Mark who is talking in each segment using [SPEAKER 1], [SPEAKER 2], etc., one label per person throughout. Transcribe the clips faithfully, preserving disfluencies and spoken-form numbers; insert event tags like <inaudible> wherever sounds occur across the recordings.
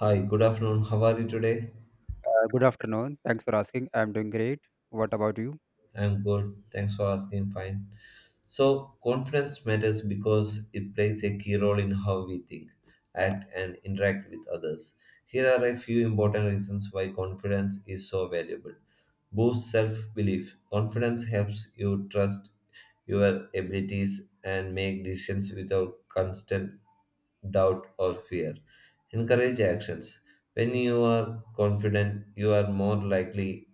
[SPEAKER 1] Hi, good afternoon. How are you today?
[SPEAKER 2] Uh, good afternoon. Thanks for asking. I'm doing great. What about you?
[SPEAKER 1] I'm good. Thanks for asking. Fine. So, confidence matters because it plays a key role in how we think, act, and interact with others. Here are a few important reasons why confidence is so valuable. Boost self belief. Confidence helps you trust your abilities and make decisions without constant doubt or fear. Encourage actions. When you are confident, you are more likely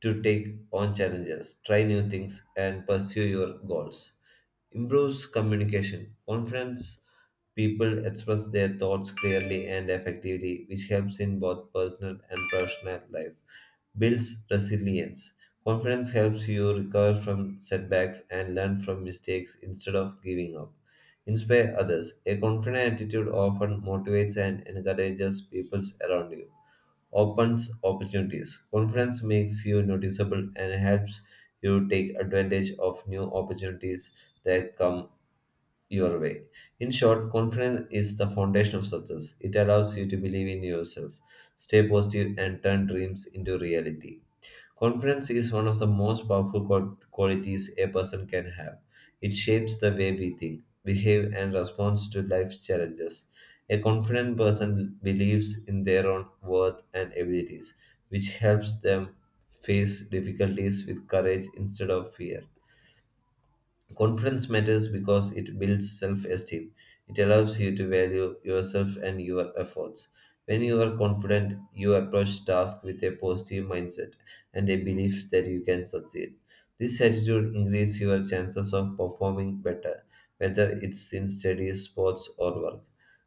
[SPEAKER 1] to take on challenges, try new things, and pursue your goals. Improves communication. Confidence people express their thoughts clearly and effectively, which helps in both personal and professional life. Builds resilience. Confidence helps you recover from setbacks and learn from mistakes instead of giving up. Inspire others. A confident attitude often motivates and encourages people around you opens opportunities. Confidence makes you noticeable and helps you take advantage of new opportunities that come your way. In short, confidence is the foundation of success. It allows you to believe in yourself, stay positive, and turn dreams into reality. Confidence is one of the most powerful qual- qualities a person can have. It shapes the way we think, behave, and respond to life's challenges. A confident person believes in their own worth and abilities, which helps them face difficulties with courage instead of fear. Confidence matters because it builds self esteem. It allows you to value yourself and your efforts. When you are confident, you approach tasks with a positive mindset and a belief that you can succeed. This attitude increases your chances of performing better, whether it's in studies, sports, or work.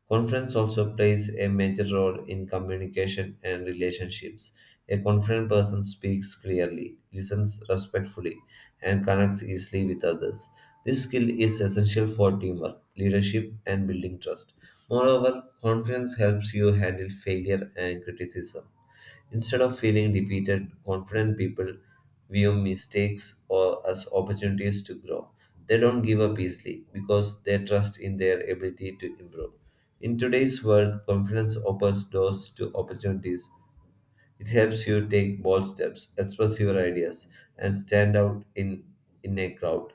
[SPEAKER 1] Conference also plays a major role in communication and relationships. A confident person speaks clearly, listens respectfully, and connects easily with others. This skill is essential for teamwork, leadership, and building trust. Moreover, confidence helps you handle failure and criticism. Instead of feeling defeated, confident people view mistakes or as opportunities to grow. They don't give up easily because they trust in their ability to improve. In today's world, confidence opens doors to opportunities. It helps you take bold steps, express your ideas, and stand out in, in a crowd.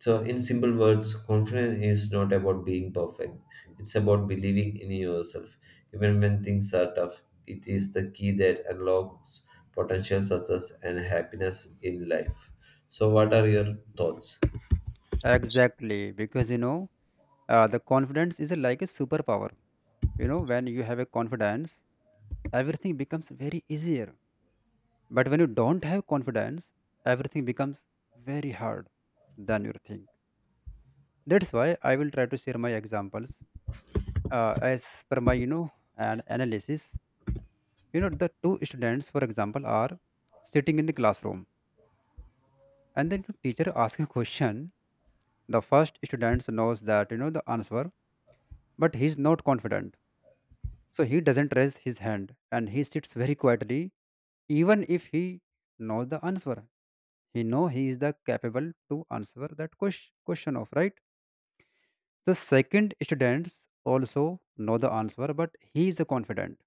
[SPEAKER 1] So, in simple words, confidence is not about being perfect, it's about believing in yourself. Even when things are tough, it is the key that unlocks potential success and happiness in life. So, what are your thoughts?
[SPEAKER 2] Exactly, because you know, uh, the confidence is uh, like a superpower. You know, when you have a confidence, everything becomes very easier. But when you don't have confidence, everything becomes very hard than you think. That's why I will try to share my examples uh, as per my you know an analysis. You know, the two students, for example, are sitting in the classroom, and then the teacher asks a question. The first student knows that, you know, the answer, but he's not confident, so he doesn't raise his hand and he sits very quietly, even if he knows the answer. He know he is the capable to answer that ques- question of right. The second students also know the answer, but he is confident,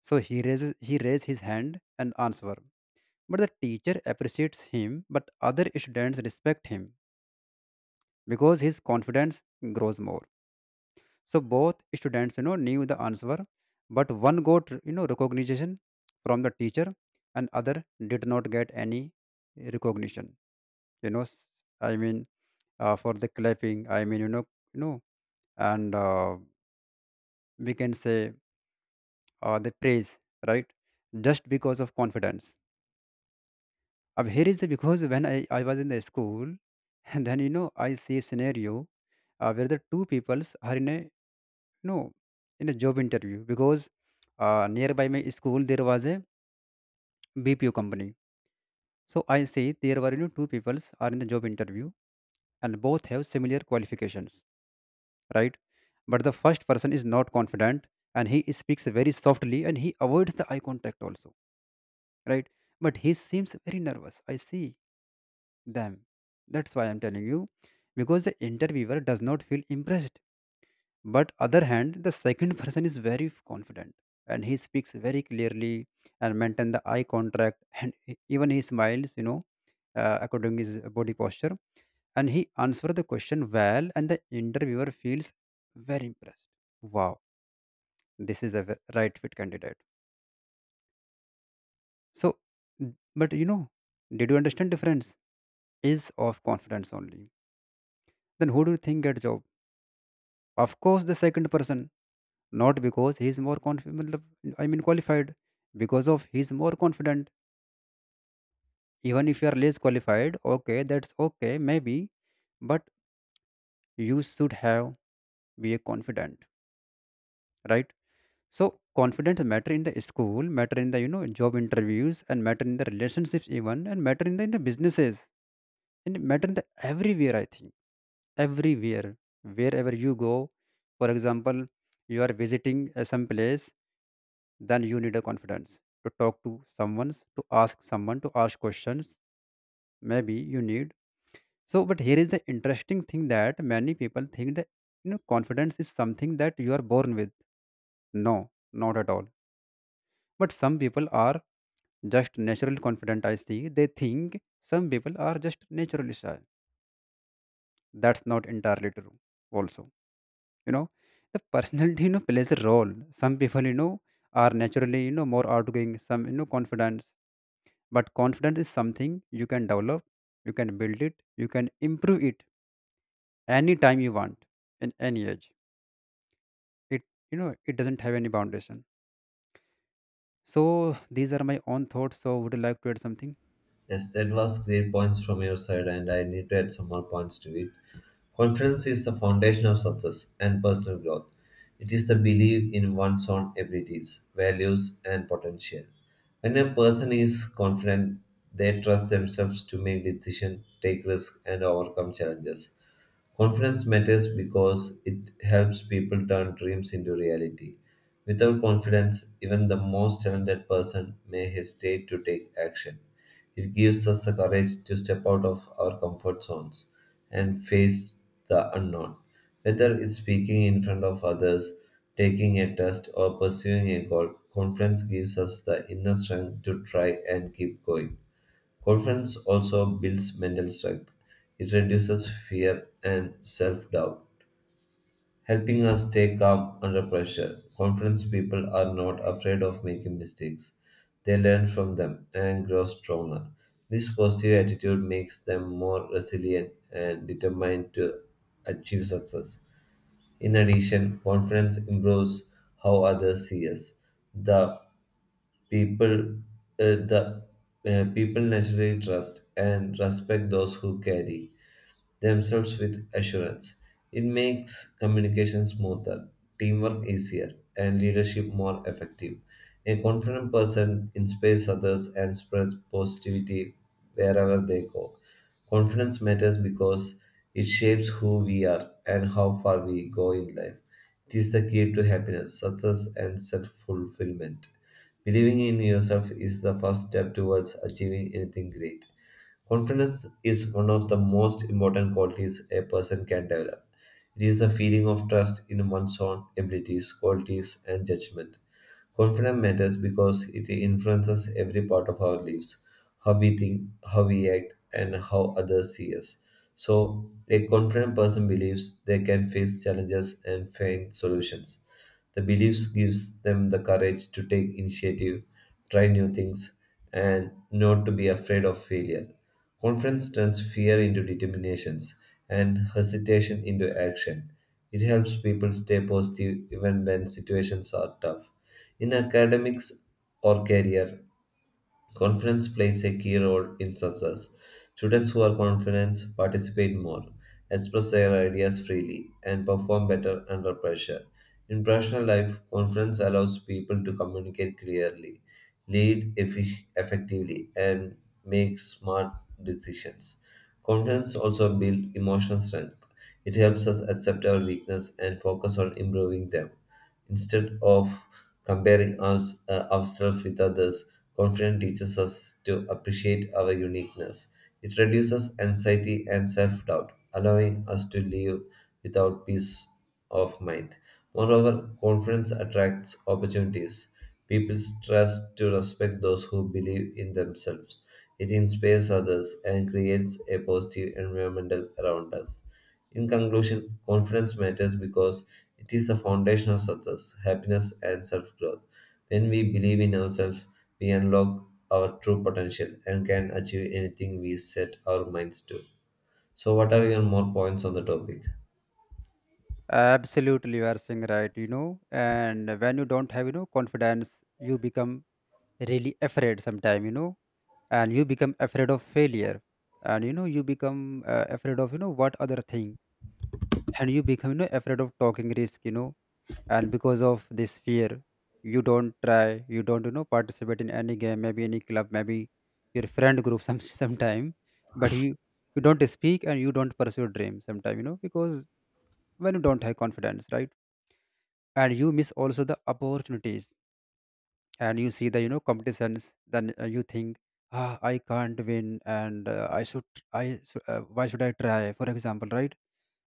[SPEAKER 2] so he raises he raise his hand and answer. But the teacher appreciates him, but other students respect him because his confidence grows more. So both students, you know, knew the answer, but one got, you know, recognition from the teacher, and other did not get any recognition. you know s- I mean, uh, for the clapping, I mean, you know, you know and uh, we can say, uh, the praise, right, just because of confidence. अब here is the because when I, I was in the school, <laughs> and then, you know, I see a scenario, uh, where the two peoples are in a— no, in a job interview. Because, uh, nearby my school there was a B P O company. So I see there were, you know, two peoples are in the job interview, and both have similar qualifications, right? But the first person is not confident, and he speaks very softly, and he avoids the eye contact also, right? But he seems very nervous. I see them. That's why I'm telling you. Because the interviewer does not feel impressed. But other hand, the second <laughs> person is very confident, and he speaks very clearly and maintain the eye contact and e- even he smiles, you know, uh, according to his body posture, and he answer the question well, and the interviewer feels very impressed. Wow, this is a ve- right fit candidate. So n- but you know, did you understand difference is of confidence only? Then who do you think get job? Of course, the second person. Not because he is more confident, I mean, qualified. Because of he is more confident. Even if you are less qualified, okay, that's okay, maybe. But you should have be a confident, right? So confidence matter in the school, matter in the, you know, job interviews, and matter in the relationships even, and matter in the, in the businesses, and matter in the everywhere, I think. Everywhere, wherever you go. For example, you are visiting uh, some place, then you need a confidence to talk to someone, to ask someone, to ask questions maybe, you need. So but here is the interesting thing, that many people think that, you know, confidence is something that you are born with. No, not at all. But some people are just naturally confident, I see. They think some people are just naturally shy. That's not entirely true also, you know. The personality, you know, plays a role. Some people, you know, are naturally, you know, more outgoing, some, you know, confident. But confidence is something you can develop, you can build it, you can improve it anytime you want, in any age. It, you know, it doesn't have any foundation. So these are my own thoughts. So would you like to add something?
[SPEAKER 1] Yes, that was great points from your side, and I need to add some more points to it. Confidence is the foundation of success and personal growth. It is the belief in one's own abilities, values, and potential. When a person is confident, they trust themselves to make decisions, take risks, and overcome challenges. Confidence matters because it helps people turn dreams into reality. Without confidence, even the most talented person may hesitate to take action. It gives us the courage to step out of our comfort zones and face the unknown. Whether it's speaking in front of others, taking a test, or pursuing a goal, confidence gives us the inner strength to try and keep going. Confidence also builds mental strength. It reduces fear and self doubt, helping us stay calm under pressure. Confident people are not afraid of making mistakes, they learn from them and grow stronger. This positive attitude makes them more resilient and determined to achieve success. In addition, confidence improves how others see us. The people, uh, the uh, People naturally trust and respect those who carry themselves with assurance. It makes communication smoother, teamwork easier, and leadership more effective. A confident person inspires others and spreads positivity wherever they go. Confidence matters because it shapes who we are and how far we go in life. It is the key to happiness, success, and self fulfillment. Believing in yourself is the first step towards achieving anything great. Confidence is one of the most important qualities a person can develop. It is a feeling of trust in one's own abilities, qualities, and judgment. Confidence matters because it influences every part of our lives, how we think, how we act, and how others see us. So, a confident person believes they can face challenges and find solutions. The beliefs gives them the courage to take initiative, try new things, and not to be afraid of failure. Confidence turns fear into determinations and hesitation into action. It helps people stay positive even when situations are tough. In academics or career, confidence plays a key role in success. Students who are confident participate more, express their ideas freely, and perform better under pressure. In professional life, confidence allows people to communicate clearly, lead effi- effectively, and make smart decisions. Confidence also builds emotional strength. It helps us accept our weakness and focus on improving them. Instead of comparing us, uh, ourselves with others, confidence teaches us to appreciate our uniqueness. It reduces anxiety and self doubt, allowing us to live without peace of mind. Moreover, confidence attracts opportunities. People trust to respect those who believe in themselves. It inspires others and creates a positive environment around us. In conclusion, confidence matters because it is the foundation of success, happiness, and self growth. When we believe in ourselves, we unlock our true potential and can achieve anything we set our minds to. So, what are your more points on the topic?
[SPEAKER 2] Absolutely, you are saying right, you know. And when you don't have, you know, confidence, you become really afraid sometime, you know. And you become afraid of failure, and you know, you become uh, afraid of, you know, what other thing. And you become, you know, afraid of talking risk, you know. And because of this fear, you don't try, you don't, you know, participate in any game maybe, any club maybe, your friend group. <laughs> Some sometime, but you you don't speak, and you don't pursue your dream sometime, you know, because when you don't have confidence, right? And you miss also the opportunities. And you see the, you know, competitions, then, uh, you think, ah, I can't win. And uh, i should i should- uh, why should I try, for example, right?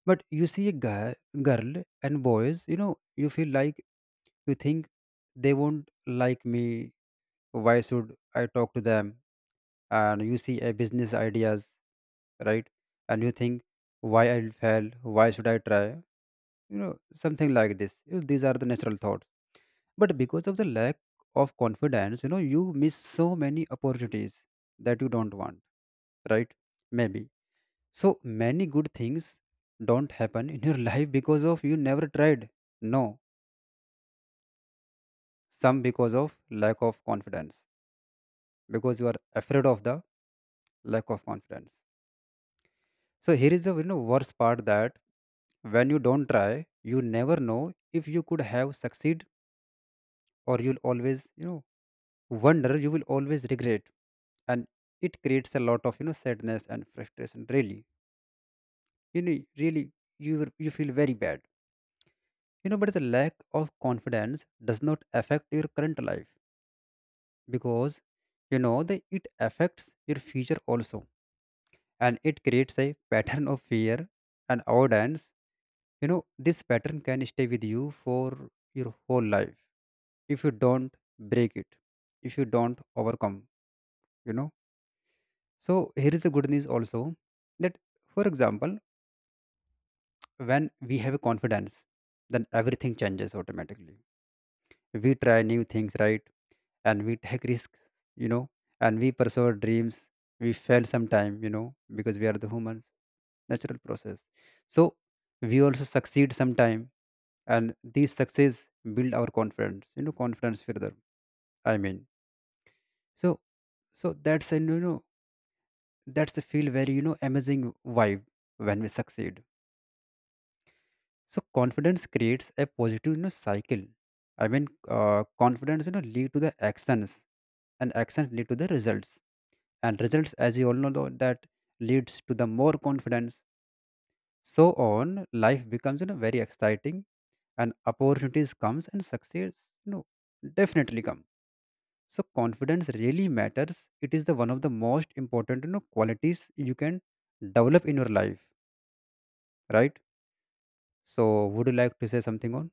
[SPEAKER 2] But you see a guy, girl, and boys, you know, you feel like, you think they won't like me. Why should I talk to them? And you see a business ideas, right? And you think, why I'll fail? Why should I try? You know, something like this. You know, these are the natural thoughts. But because of the lack of confidence, you know, you miss so many opportunities that you don't want, right? Maybe so many good things don't happen in your <laughs> life because of you never tried. No, some because of lack of confidence, because you are afraid of the lack of confidence. So here is the, you know, worst part, that when you don't try, you never know if you could have succeed, or you'll always, you know, wonder. You will always regret, and it creates a lot of, you know, sadness and frustration. Really, you know, really, you you feel very bad, you know. But the lack of confidence does not affect your current life, because you know that it affects your future also. And it creates a <laughs> pattern of fear and avoidance, you know. This pattern can stay with you for your whole life, if you don't break it, if you don't overcome, you know. So here is the good news also, that, for example, when we have a confidence, then everything changes automatically. We try new things, right? And we take risks, you know. And we pursue our dreams. We fail sometime, you know, because we are the humans. Natural process. So we also succeed sometime, and these success build our confidence, you know, confidence further, I mean. So, so that's a, you know, that's a feel very, you know, amazing vibe, when we succeed. So confidence creates a positive, you know, cycle, I mean. Uh, confidence, you know, lead to the actions, and actions lead to the results, and results, as you all know, tho- that leads to the more confidence. So on, life becomes, you know, very exciting, and opportunities comes, and success, you know, definitely come. So confidence really matters. It is the one of the most important, you know, qualities you can develop in your life, right? So would you like to say something on?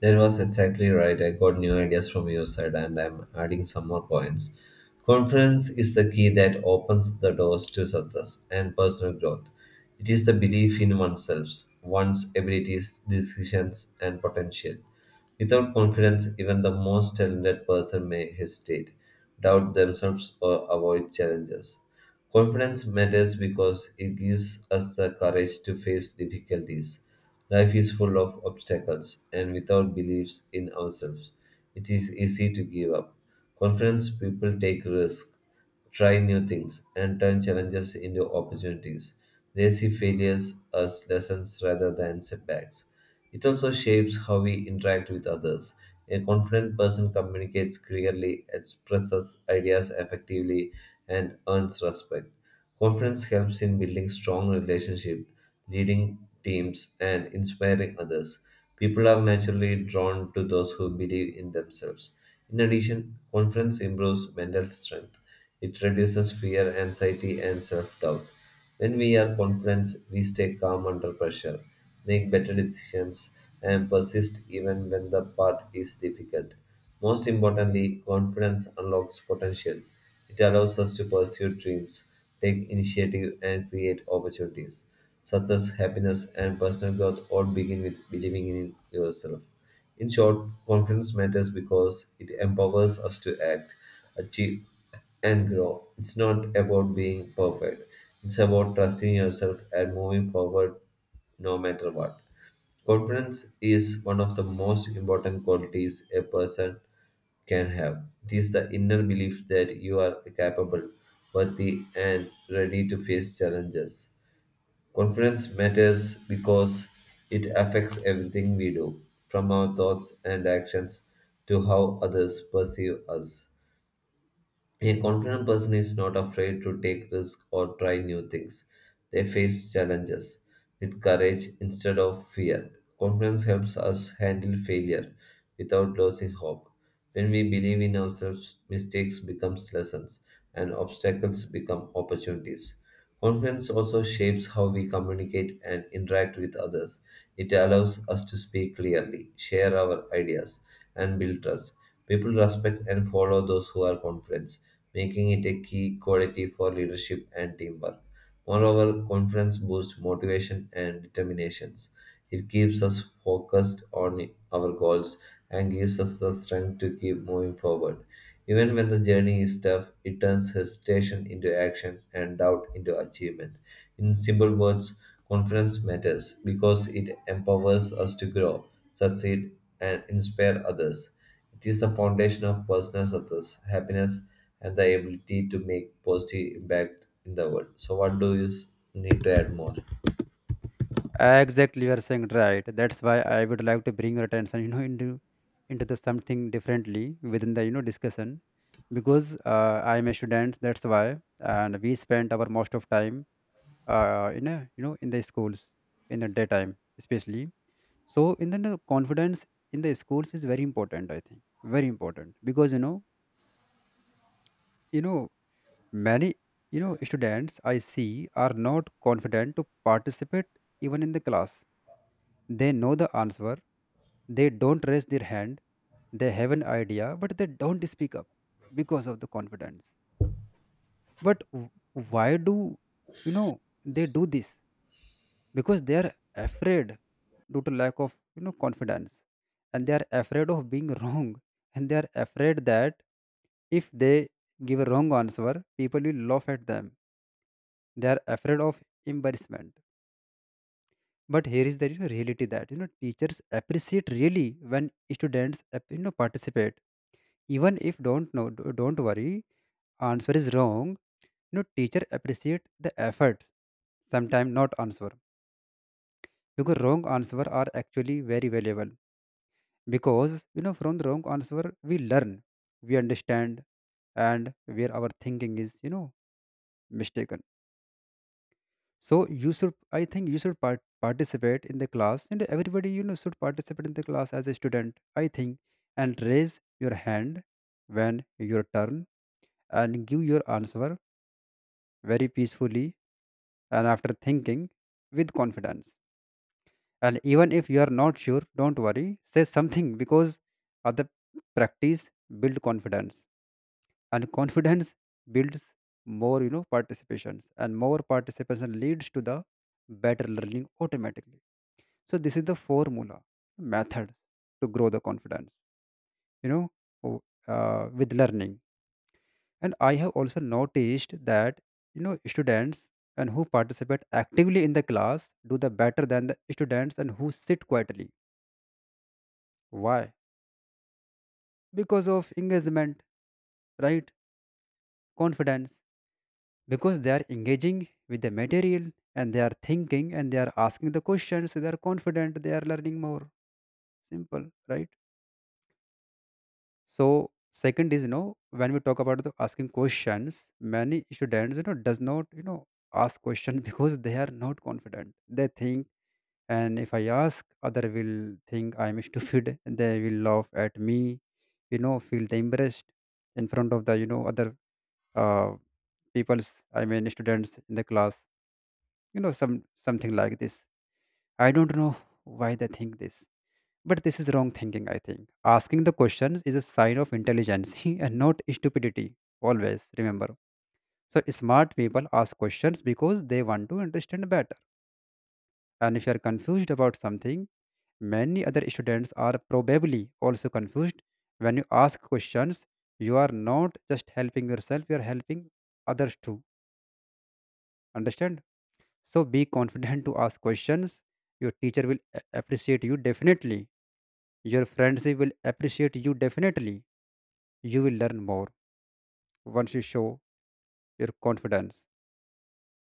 [SPEAKER 1] That was exactly right. I got new ideas from your side and I'm adding some more points. Confidence is the key that opens the doors to success and personal growth. It is the belief in oneself, one's abilities, decisions, and potential. Without confidence, even the most talented person may hesitate, doubt themselves, or avoid challenges. Confidence matters because it gives us the courage to face difficulties. Life is full of obstacles, and without beliefs in ourselves, it is easy to give up. Confidence people take risks, try new things, and turn challenges into opportunities. They see failures as lessons rather than setbacks. It also shapes how we interact with others. A confident person communicates clearly, expresses ideas effectively, and earns respect. Confidence helps in building strong relationships, leading teams, and inspiring others. People are naturally drawn to those who believe in themselves. In addition, confidence improves mental strength. It reduces fear, anxiety, and self doubt. When we are confident, we stay calm under pressure, make better decisions, and persist even when the path is difficult. Most importantly, confidence unlocks potential. It allows us to pursue dreams, take initiative, and create opportunities. Success, happiness, and personal growth all begin with believing in yourself. In short, confidence matters because it empowers us to act, achieve, and grow. It's not about being perfect, it's about trusting yourself and moving forward no matter what. Confidence is one of the most important qualities a person can have. It is the inner belief that you are capable, worthy, and ready to face challenges. Confidence matters because it affects everything we do, from our thoughts and actions to how others perceive us. A confident person is not afraid to take risks or try new things. They face challenges with courage instead of fear. Confidence helps us handle failure without losing hope. When we believe in ourselves, mistakes become lessons and obstacles become opportunities. Confidence also shapes how we communicate and interact with others. It allows us to speak clearly, share our ideas, and build trust. People respect and follow those who are confident, making it a key quality for leadership and teamwork. Moreover, confidence boosts motivation and determinations. It keeps us focused on our goals and gives us the strength to keep moving forward. Even when the journey is tough, it turns hesitation into action and doubt into achievement. In simple words, confidence matters because it empowers us to grow, succeed, and inspire others. It is the foundation of personal success, happiness, and the ability to make positive impact in the world. So, what do you s- need to add more?
[SPEAKER 2] Exactly, you are saying right. That's why I would like to bring your attention, <laughs> you know, into into the something differently within the, you know, discussion, because, uh, I'm a student, that's why. And we spend our most of time uh, in a, you know, in the schools, in the daytime especially. So in the you confidence in the schools is very important. I think very important, because you know you know many, you know, students I see are not confident to participate even in the class. They know the answer, they don't raise their hand, they have an idea, but they don't speak up because of the confidence. But w- why do, you know, they do this? Because they are afraid due to lack of, you know, confidence, and they are afraid of being <laughs> wrong, and they are afraid that if they give a wrong answer, people will laugh at them. They are afraid of embarrassment. But here is the reality, that, you know, teachers appreciate really when students, uh, you know, participate, even if don't know, d- don't worry answer is wrong, you know. Teacher appreciate the effort sometimes, not answer. Because wrong answer are actually very valuable, because, you know, from the wrong answer we learn, we understand, and where our thinking is, you know, mistaken. So you should, I think you should part- participate in the class, and everybody, you know, should participate in the class as a student, I think. And raise your hand when your turn, and give your answer very peacefully, and after thinking, with confidence. And even if you are not sure, don't worry, say something. Because other practice build confidence, and confidence builds more, you know, participations, and more participation leads to the better learning automatically. So this is the formula, methods, to grow the confidence, you know, o- uh, with learning. And I have also noticed that, you know, students and who participate actively in the class do the better than the students and who sit quietly. Why? Because of engagement, right? Confidence. Because they are engaging with the material, and they are thinking, and they are asking the questions. So they are confident. They are learning more. Simple, right? So second is, you know when we talk about the asking questions, many students you know does not you know ask question <laughs> because they are not confident. They think and if I ask, other will think I'm <laughs> stupid. They will laugh at me, you know, feel the embarrassed in front of the you know other uh, people's I mean students in the class. You know some something like this. I don't know why they think this, but this is wrong thinking, I think. Asking the questions is a sign of intelligence <laughs> and not stupidity. Always remember. So, smart people ask questions because they want to understand better. And if you are confused about something, many other students are probably also confused. When you ask questions, you are not just helping yourself, you are helping others too. Understand? So, be confident to ask questions. Your teacher will a- appreciate you definitely. Your friends will appreciate you definitely, you will learn more once you show your confidence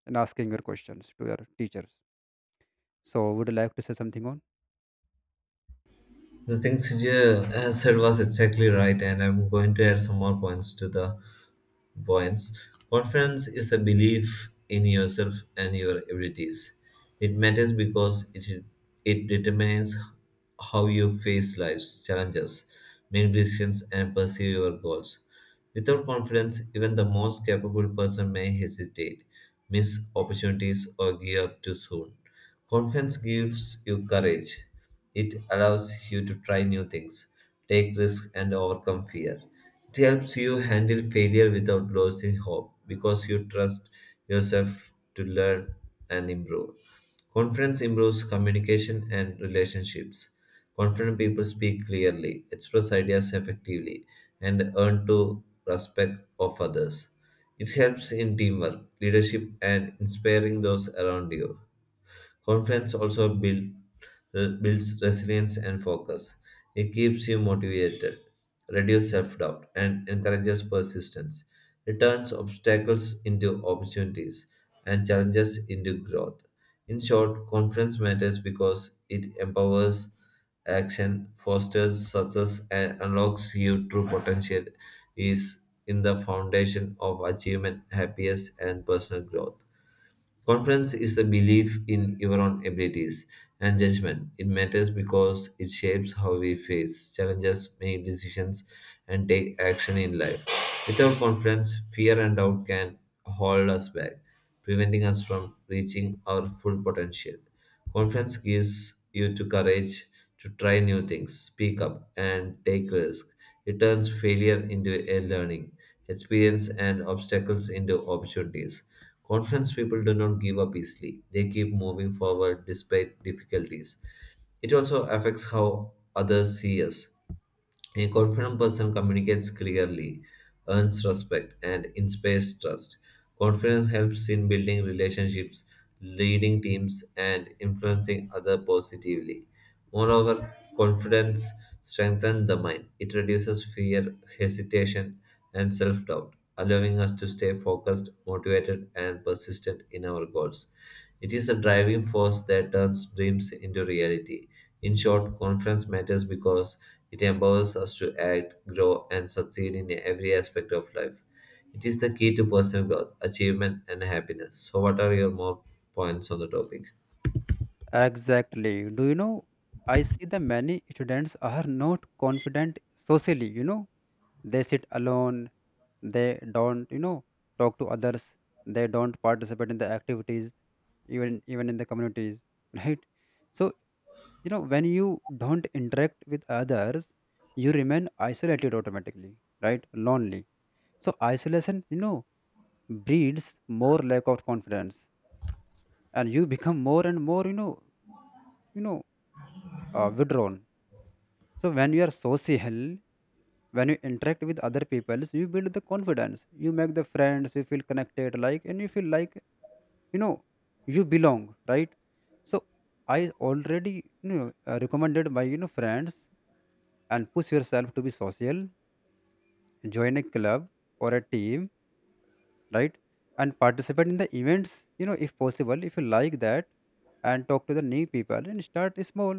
[SPEAKER 2] in asking your questions to your teachers. So, would you like to say something on?
[SPEAKER 1] The things you uh, said was exactly right, and I'm going to add some more points to the points. Confidence is a belief in yourself and your abilities. It matters because it, it determines how you face life's challenges, make decisions, and pursue your goals. Without confidence, even the most capable person may hesitate, miss opportunities, or give up too soon. Confidence gives you courage. It allows you to try new things, take risks, and overcome fear. It helps you handle failure without losing hope because you trust yourself to learn and improve. Confidence improves communication and relationships. Confident people speak clearly, express ideas effectively, and earn to respect of others. It helps in teamwork, leadership, and inspiring those around you. Confidence also build, uh, builds resilience and focus. It keeps you motivated, reduces self doubt, and encourages persistence. It turns obstacles into opportunities and challenges into growth. In short, confidence matters because it empowers action, fosters success, and unlocks your true potential is in the foundation of achievement, happiness, and personal growth. Confidence is the belief in your own abilities and judgment. It matters because it shapes how we face challenges, make decisions, and take action in life. Without confidence, fear and doubt can hold us back, preventing us from reaching our full potential. Confidence gives you the courage to try new things, speak up, and take risks. It turns failure into a learning experience and obstacles into opportunities. Confidence people do not give up easily. They keep moving forward despite difficulties. It also affects how others see us. A confident person communicates clearly, earns respect, and inspires trust. Confidence helps in building relationships, leading teams, and influencing others positively. Moreover, confidence strengthens the mind. It reduces fear, hesitation, and self doubt, allowing us to stay focused, motivated, and persistent in our goals. It is a driving force that turns dreams into reality. In short, confidence matters because it empowers us to act, grow, and succeed in every aspect of life. It is the key to personal growth, achievement, and happiness. So, what are your more points on the topic?
[SPEAKER 2] Exactly. Do you know? I see the many students are not confident socially. You know, they sit alone. They don't, you know, talk to others. They don't participate in the activities, even even in the communities, <laughs> right? So, you know, when you don't interact with others, you remain isolated automatically, right? Lonely. So isolation, you know, breeds more lack of confidence, and you become more and more, you know, you know, uh, withdrawn. So when you are social, when you interact with other people, you build the confidence. You make the friends. You feel connected, like, and you feel like, you know, you belong, right? So I already, you know, uh, recommended by you know friends and push yourself to be social. Join a club or a team, right, and participate in the events, you know if possible, if you like that, and talk to the new people and start small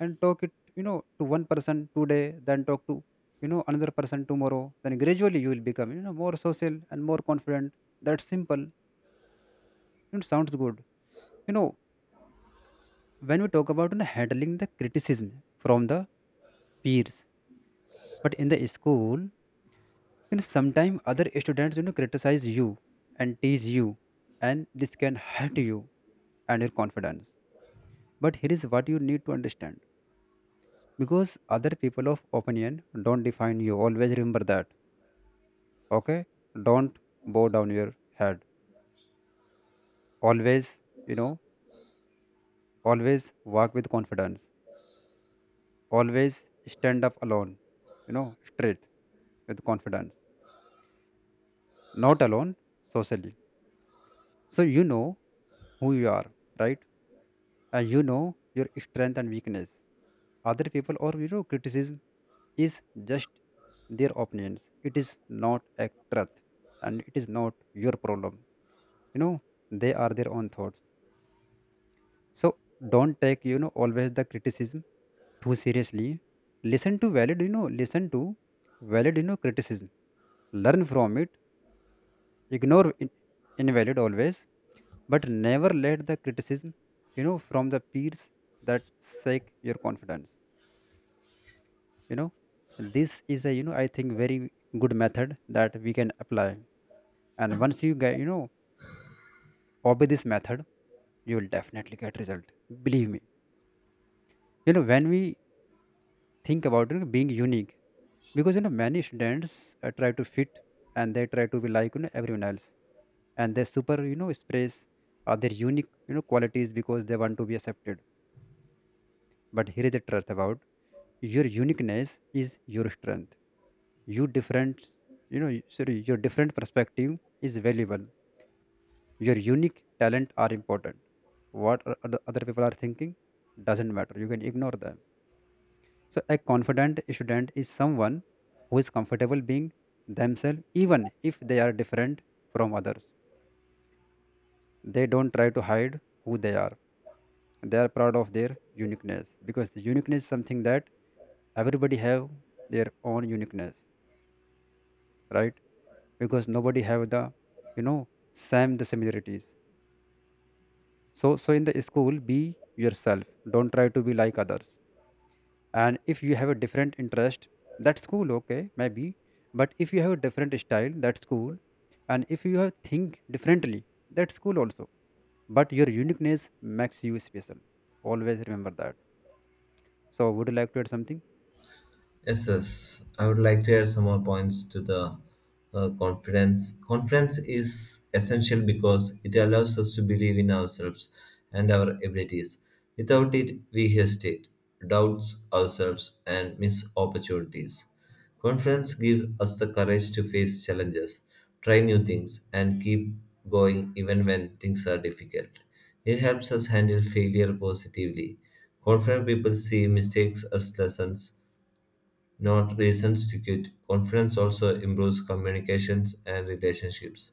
[SPEAKER 2] and talk it, you know to one person today, then talk to, you know another person tomorrow. Then gradually you will become, you know more social and more confident. That's simple. It sounds good. you know when we talk about, you know, handling the criticism from the peers, but in the school, you know sometimes other students, you know criticize you and tease you, and this can hurt you and your confidence. But here is what you need to understand, because other people of opinion don't define you. Always remember that. Okay? Don't bow down your head. Always, you know, always walk with confidence. Always stand up alone, you know, straight with confidence. Not alone socially. So you know who you are, right? Uh, you know your strength and weakness. Other people or you know criticism is just their opinions. It is not a truth, and it is not your problem. you know they are their own thoughts. So don't take, you know always the criticism too seriously. Listen to valid, you know listen to valid you know criticism, learn from it, ignore in- invalid always. But never let the criticism, you know from the peers, that shake your confidence. you know this is a, you know I think very good method that we can apply. And once you get, you know obey this method, you will definitely get result. Believe me. you know when we think about, you know, being unique, because you know many students uh, try to fit and they try to be like, you know everyone else, and they super you know express uh, their unique, you know qualities because they want to be accepted. But here is the truth about: your uniqueness is your strength. You different, you know y- sorry, your different perspective is valuable. Your unique talent are important. What are other other people are thinking doesn't matter. You can ignore them. So a confident student is someone who is comfortable being themselves even if they are different from others. They don't try to hide who they are. They are proud of their uniqueness, because the uniqueness is something that everybody have, their own uniqueness, right? Because nobody have the, you know same the similarities. So so in the school, be yourself. Don't try to be like others. And if you have a different interest, that's cool, okay, maybe. But if you have a different style, that's cool. And if you have think differently, that's cool also. But your uniqueness makes you special. Always remember that. So would you like to add something?
[SPEAKER 1] Yes, yes. I would like to add some more points to the uh, conference. Conference is essential because it allows us to believe in ourselves and our abilities. Without it, we hesitate, doubts ourselves, and miss opportunities. Conference gives us the courage to face challenges, try new things, and keep going even when things are difficult. It helps us handle failure positively. Confident people see mistakes as lessons not reasons to quit. Confidence also improves communications and relationships.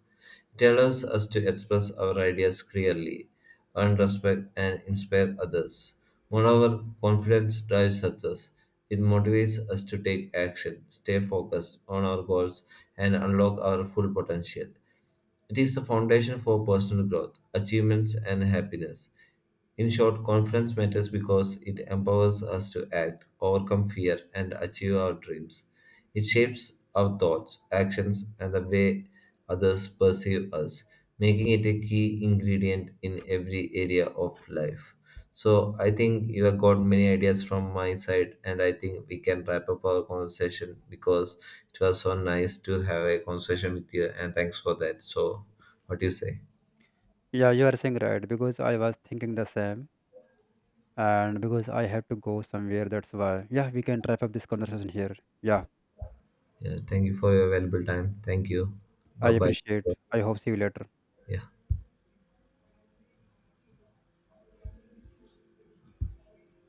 [SPEAKER 1] It allows us to express our ideas clearly, earn respect, and inspire others. Moreover, confidence drives success. It motivates us to take action, stay focused on our goals, and unlock our full potential. It is the foundation for personal growth, achievements, and happiness. In short, confidence matters because it empowers us to act, overcome fear, and achieve our dreams. It shapes our thoughts, actions, and the way others perceive us, making it a key ingredient in every area of life. So I think you have got many ideas from my side, and I think we can wrap up our conversation because it was so nice to have a conversation with you, and thanks for that. So, what do you say?
[SPEAKER 2] Yeah, you are saying right, because I was thinking the same. And because I have to go somewhere, that's why, yeah, we can wrap up this conversation here. Yeah,
[SPEAKER 1] Yeah, thank you for your valuable time. Thank you. Bye
[SPEAKER 2] I
[SPEAKER 1] bye.
[SPEAKER 2] appreciate. I hope see you later.
[SPEAKER 1] Yeah.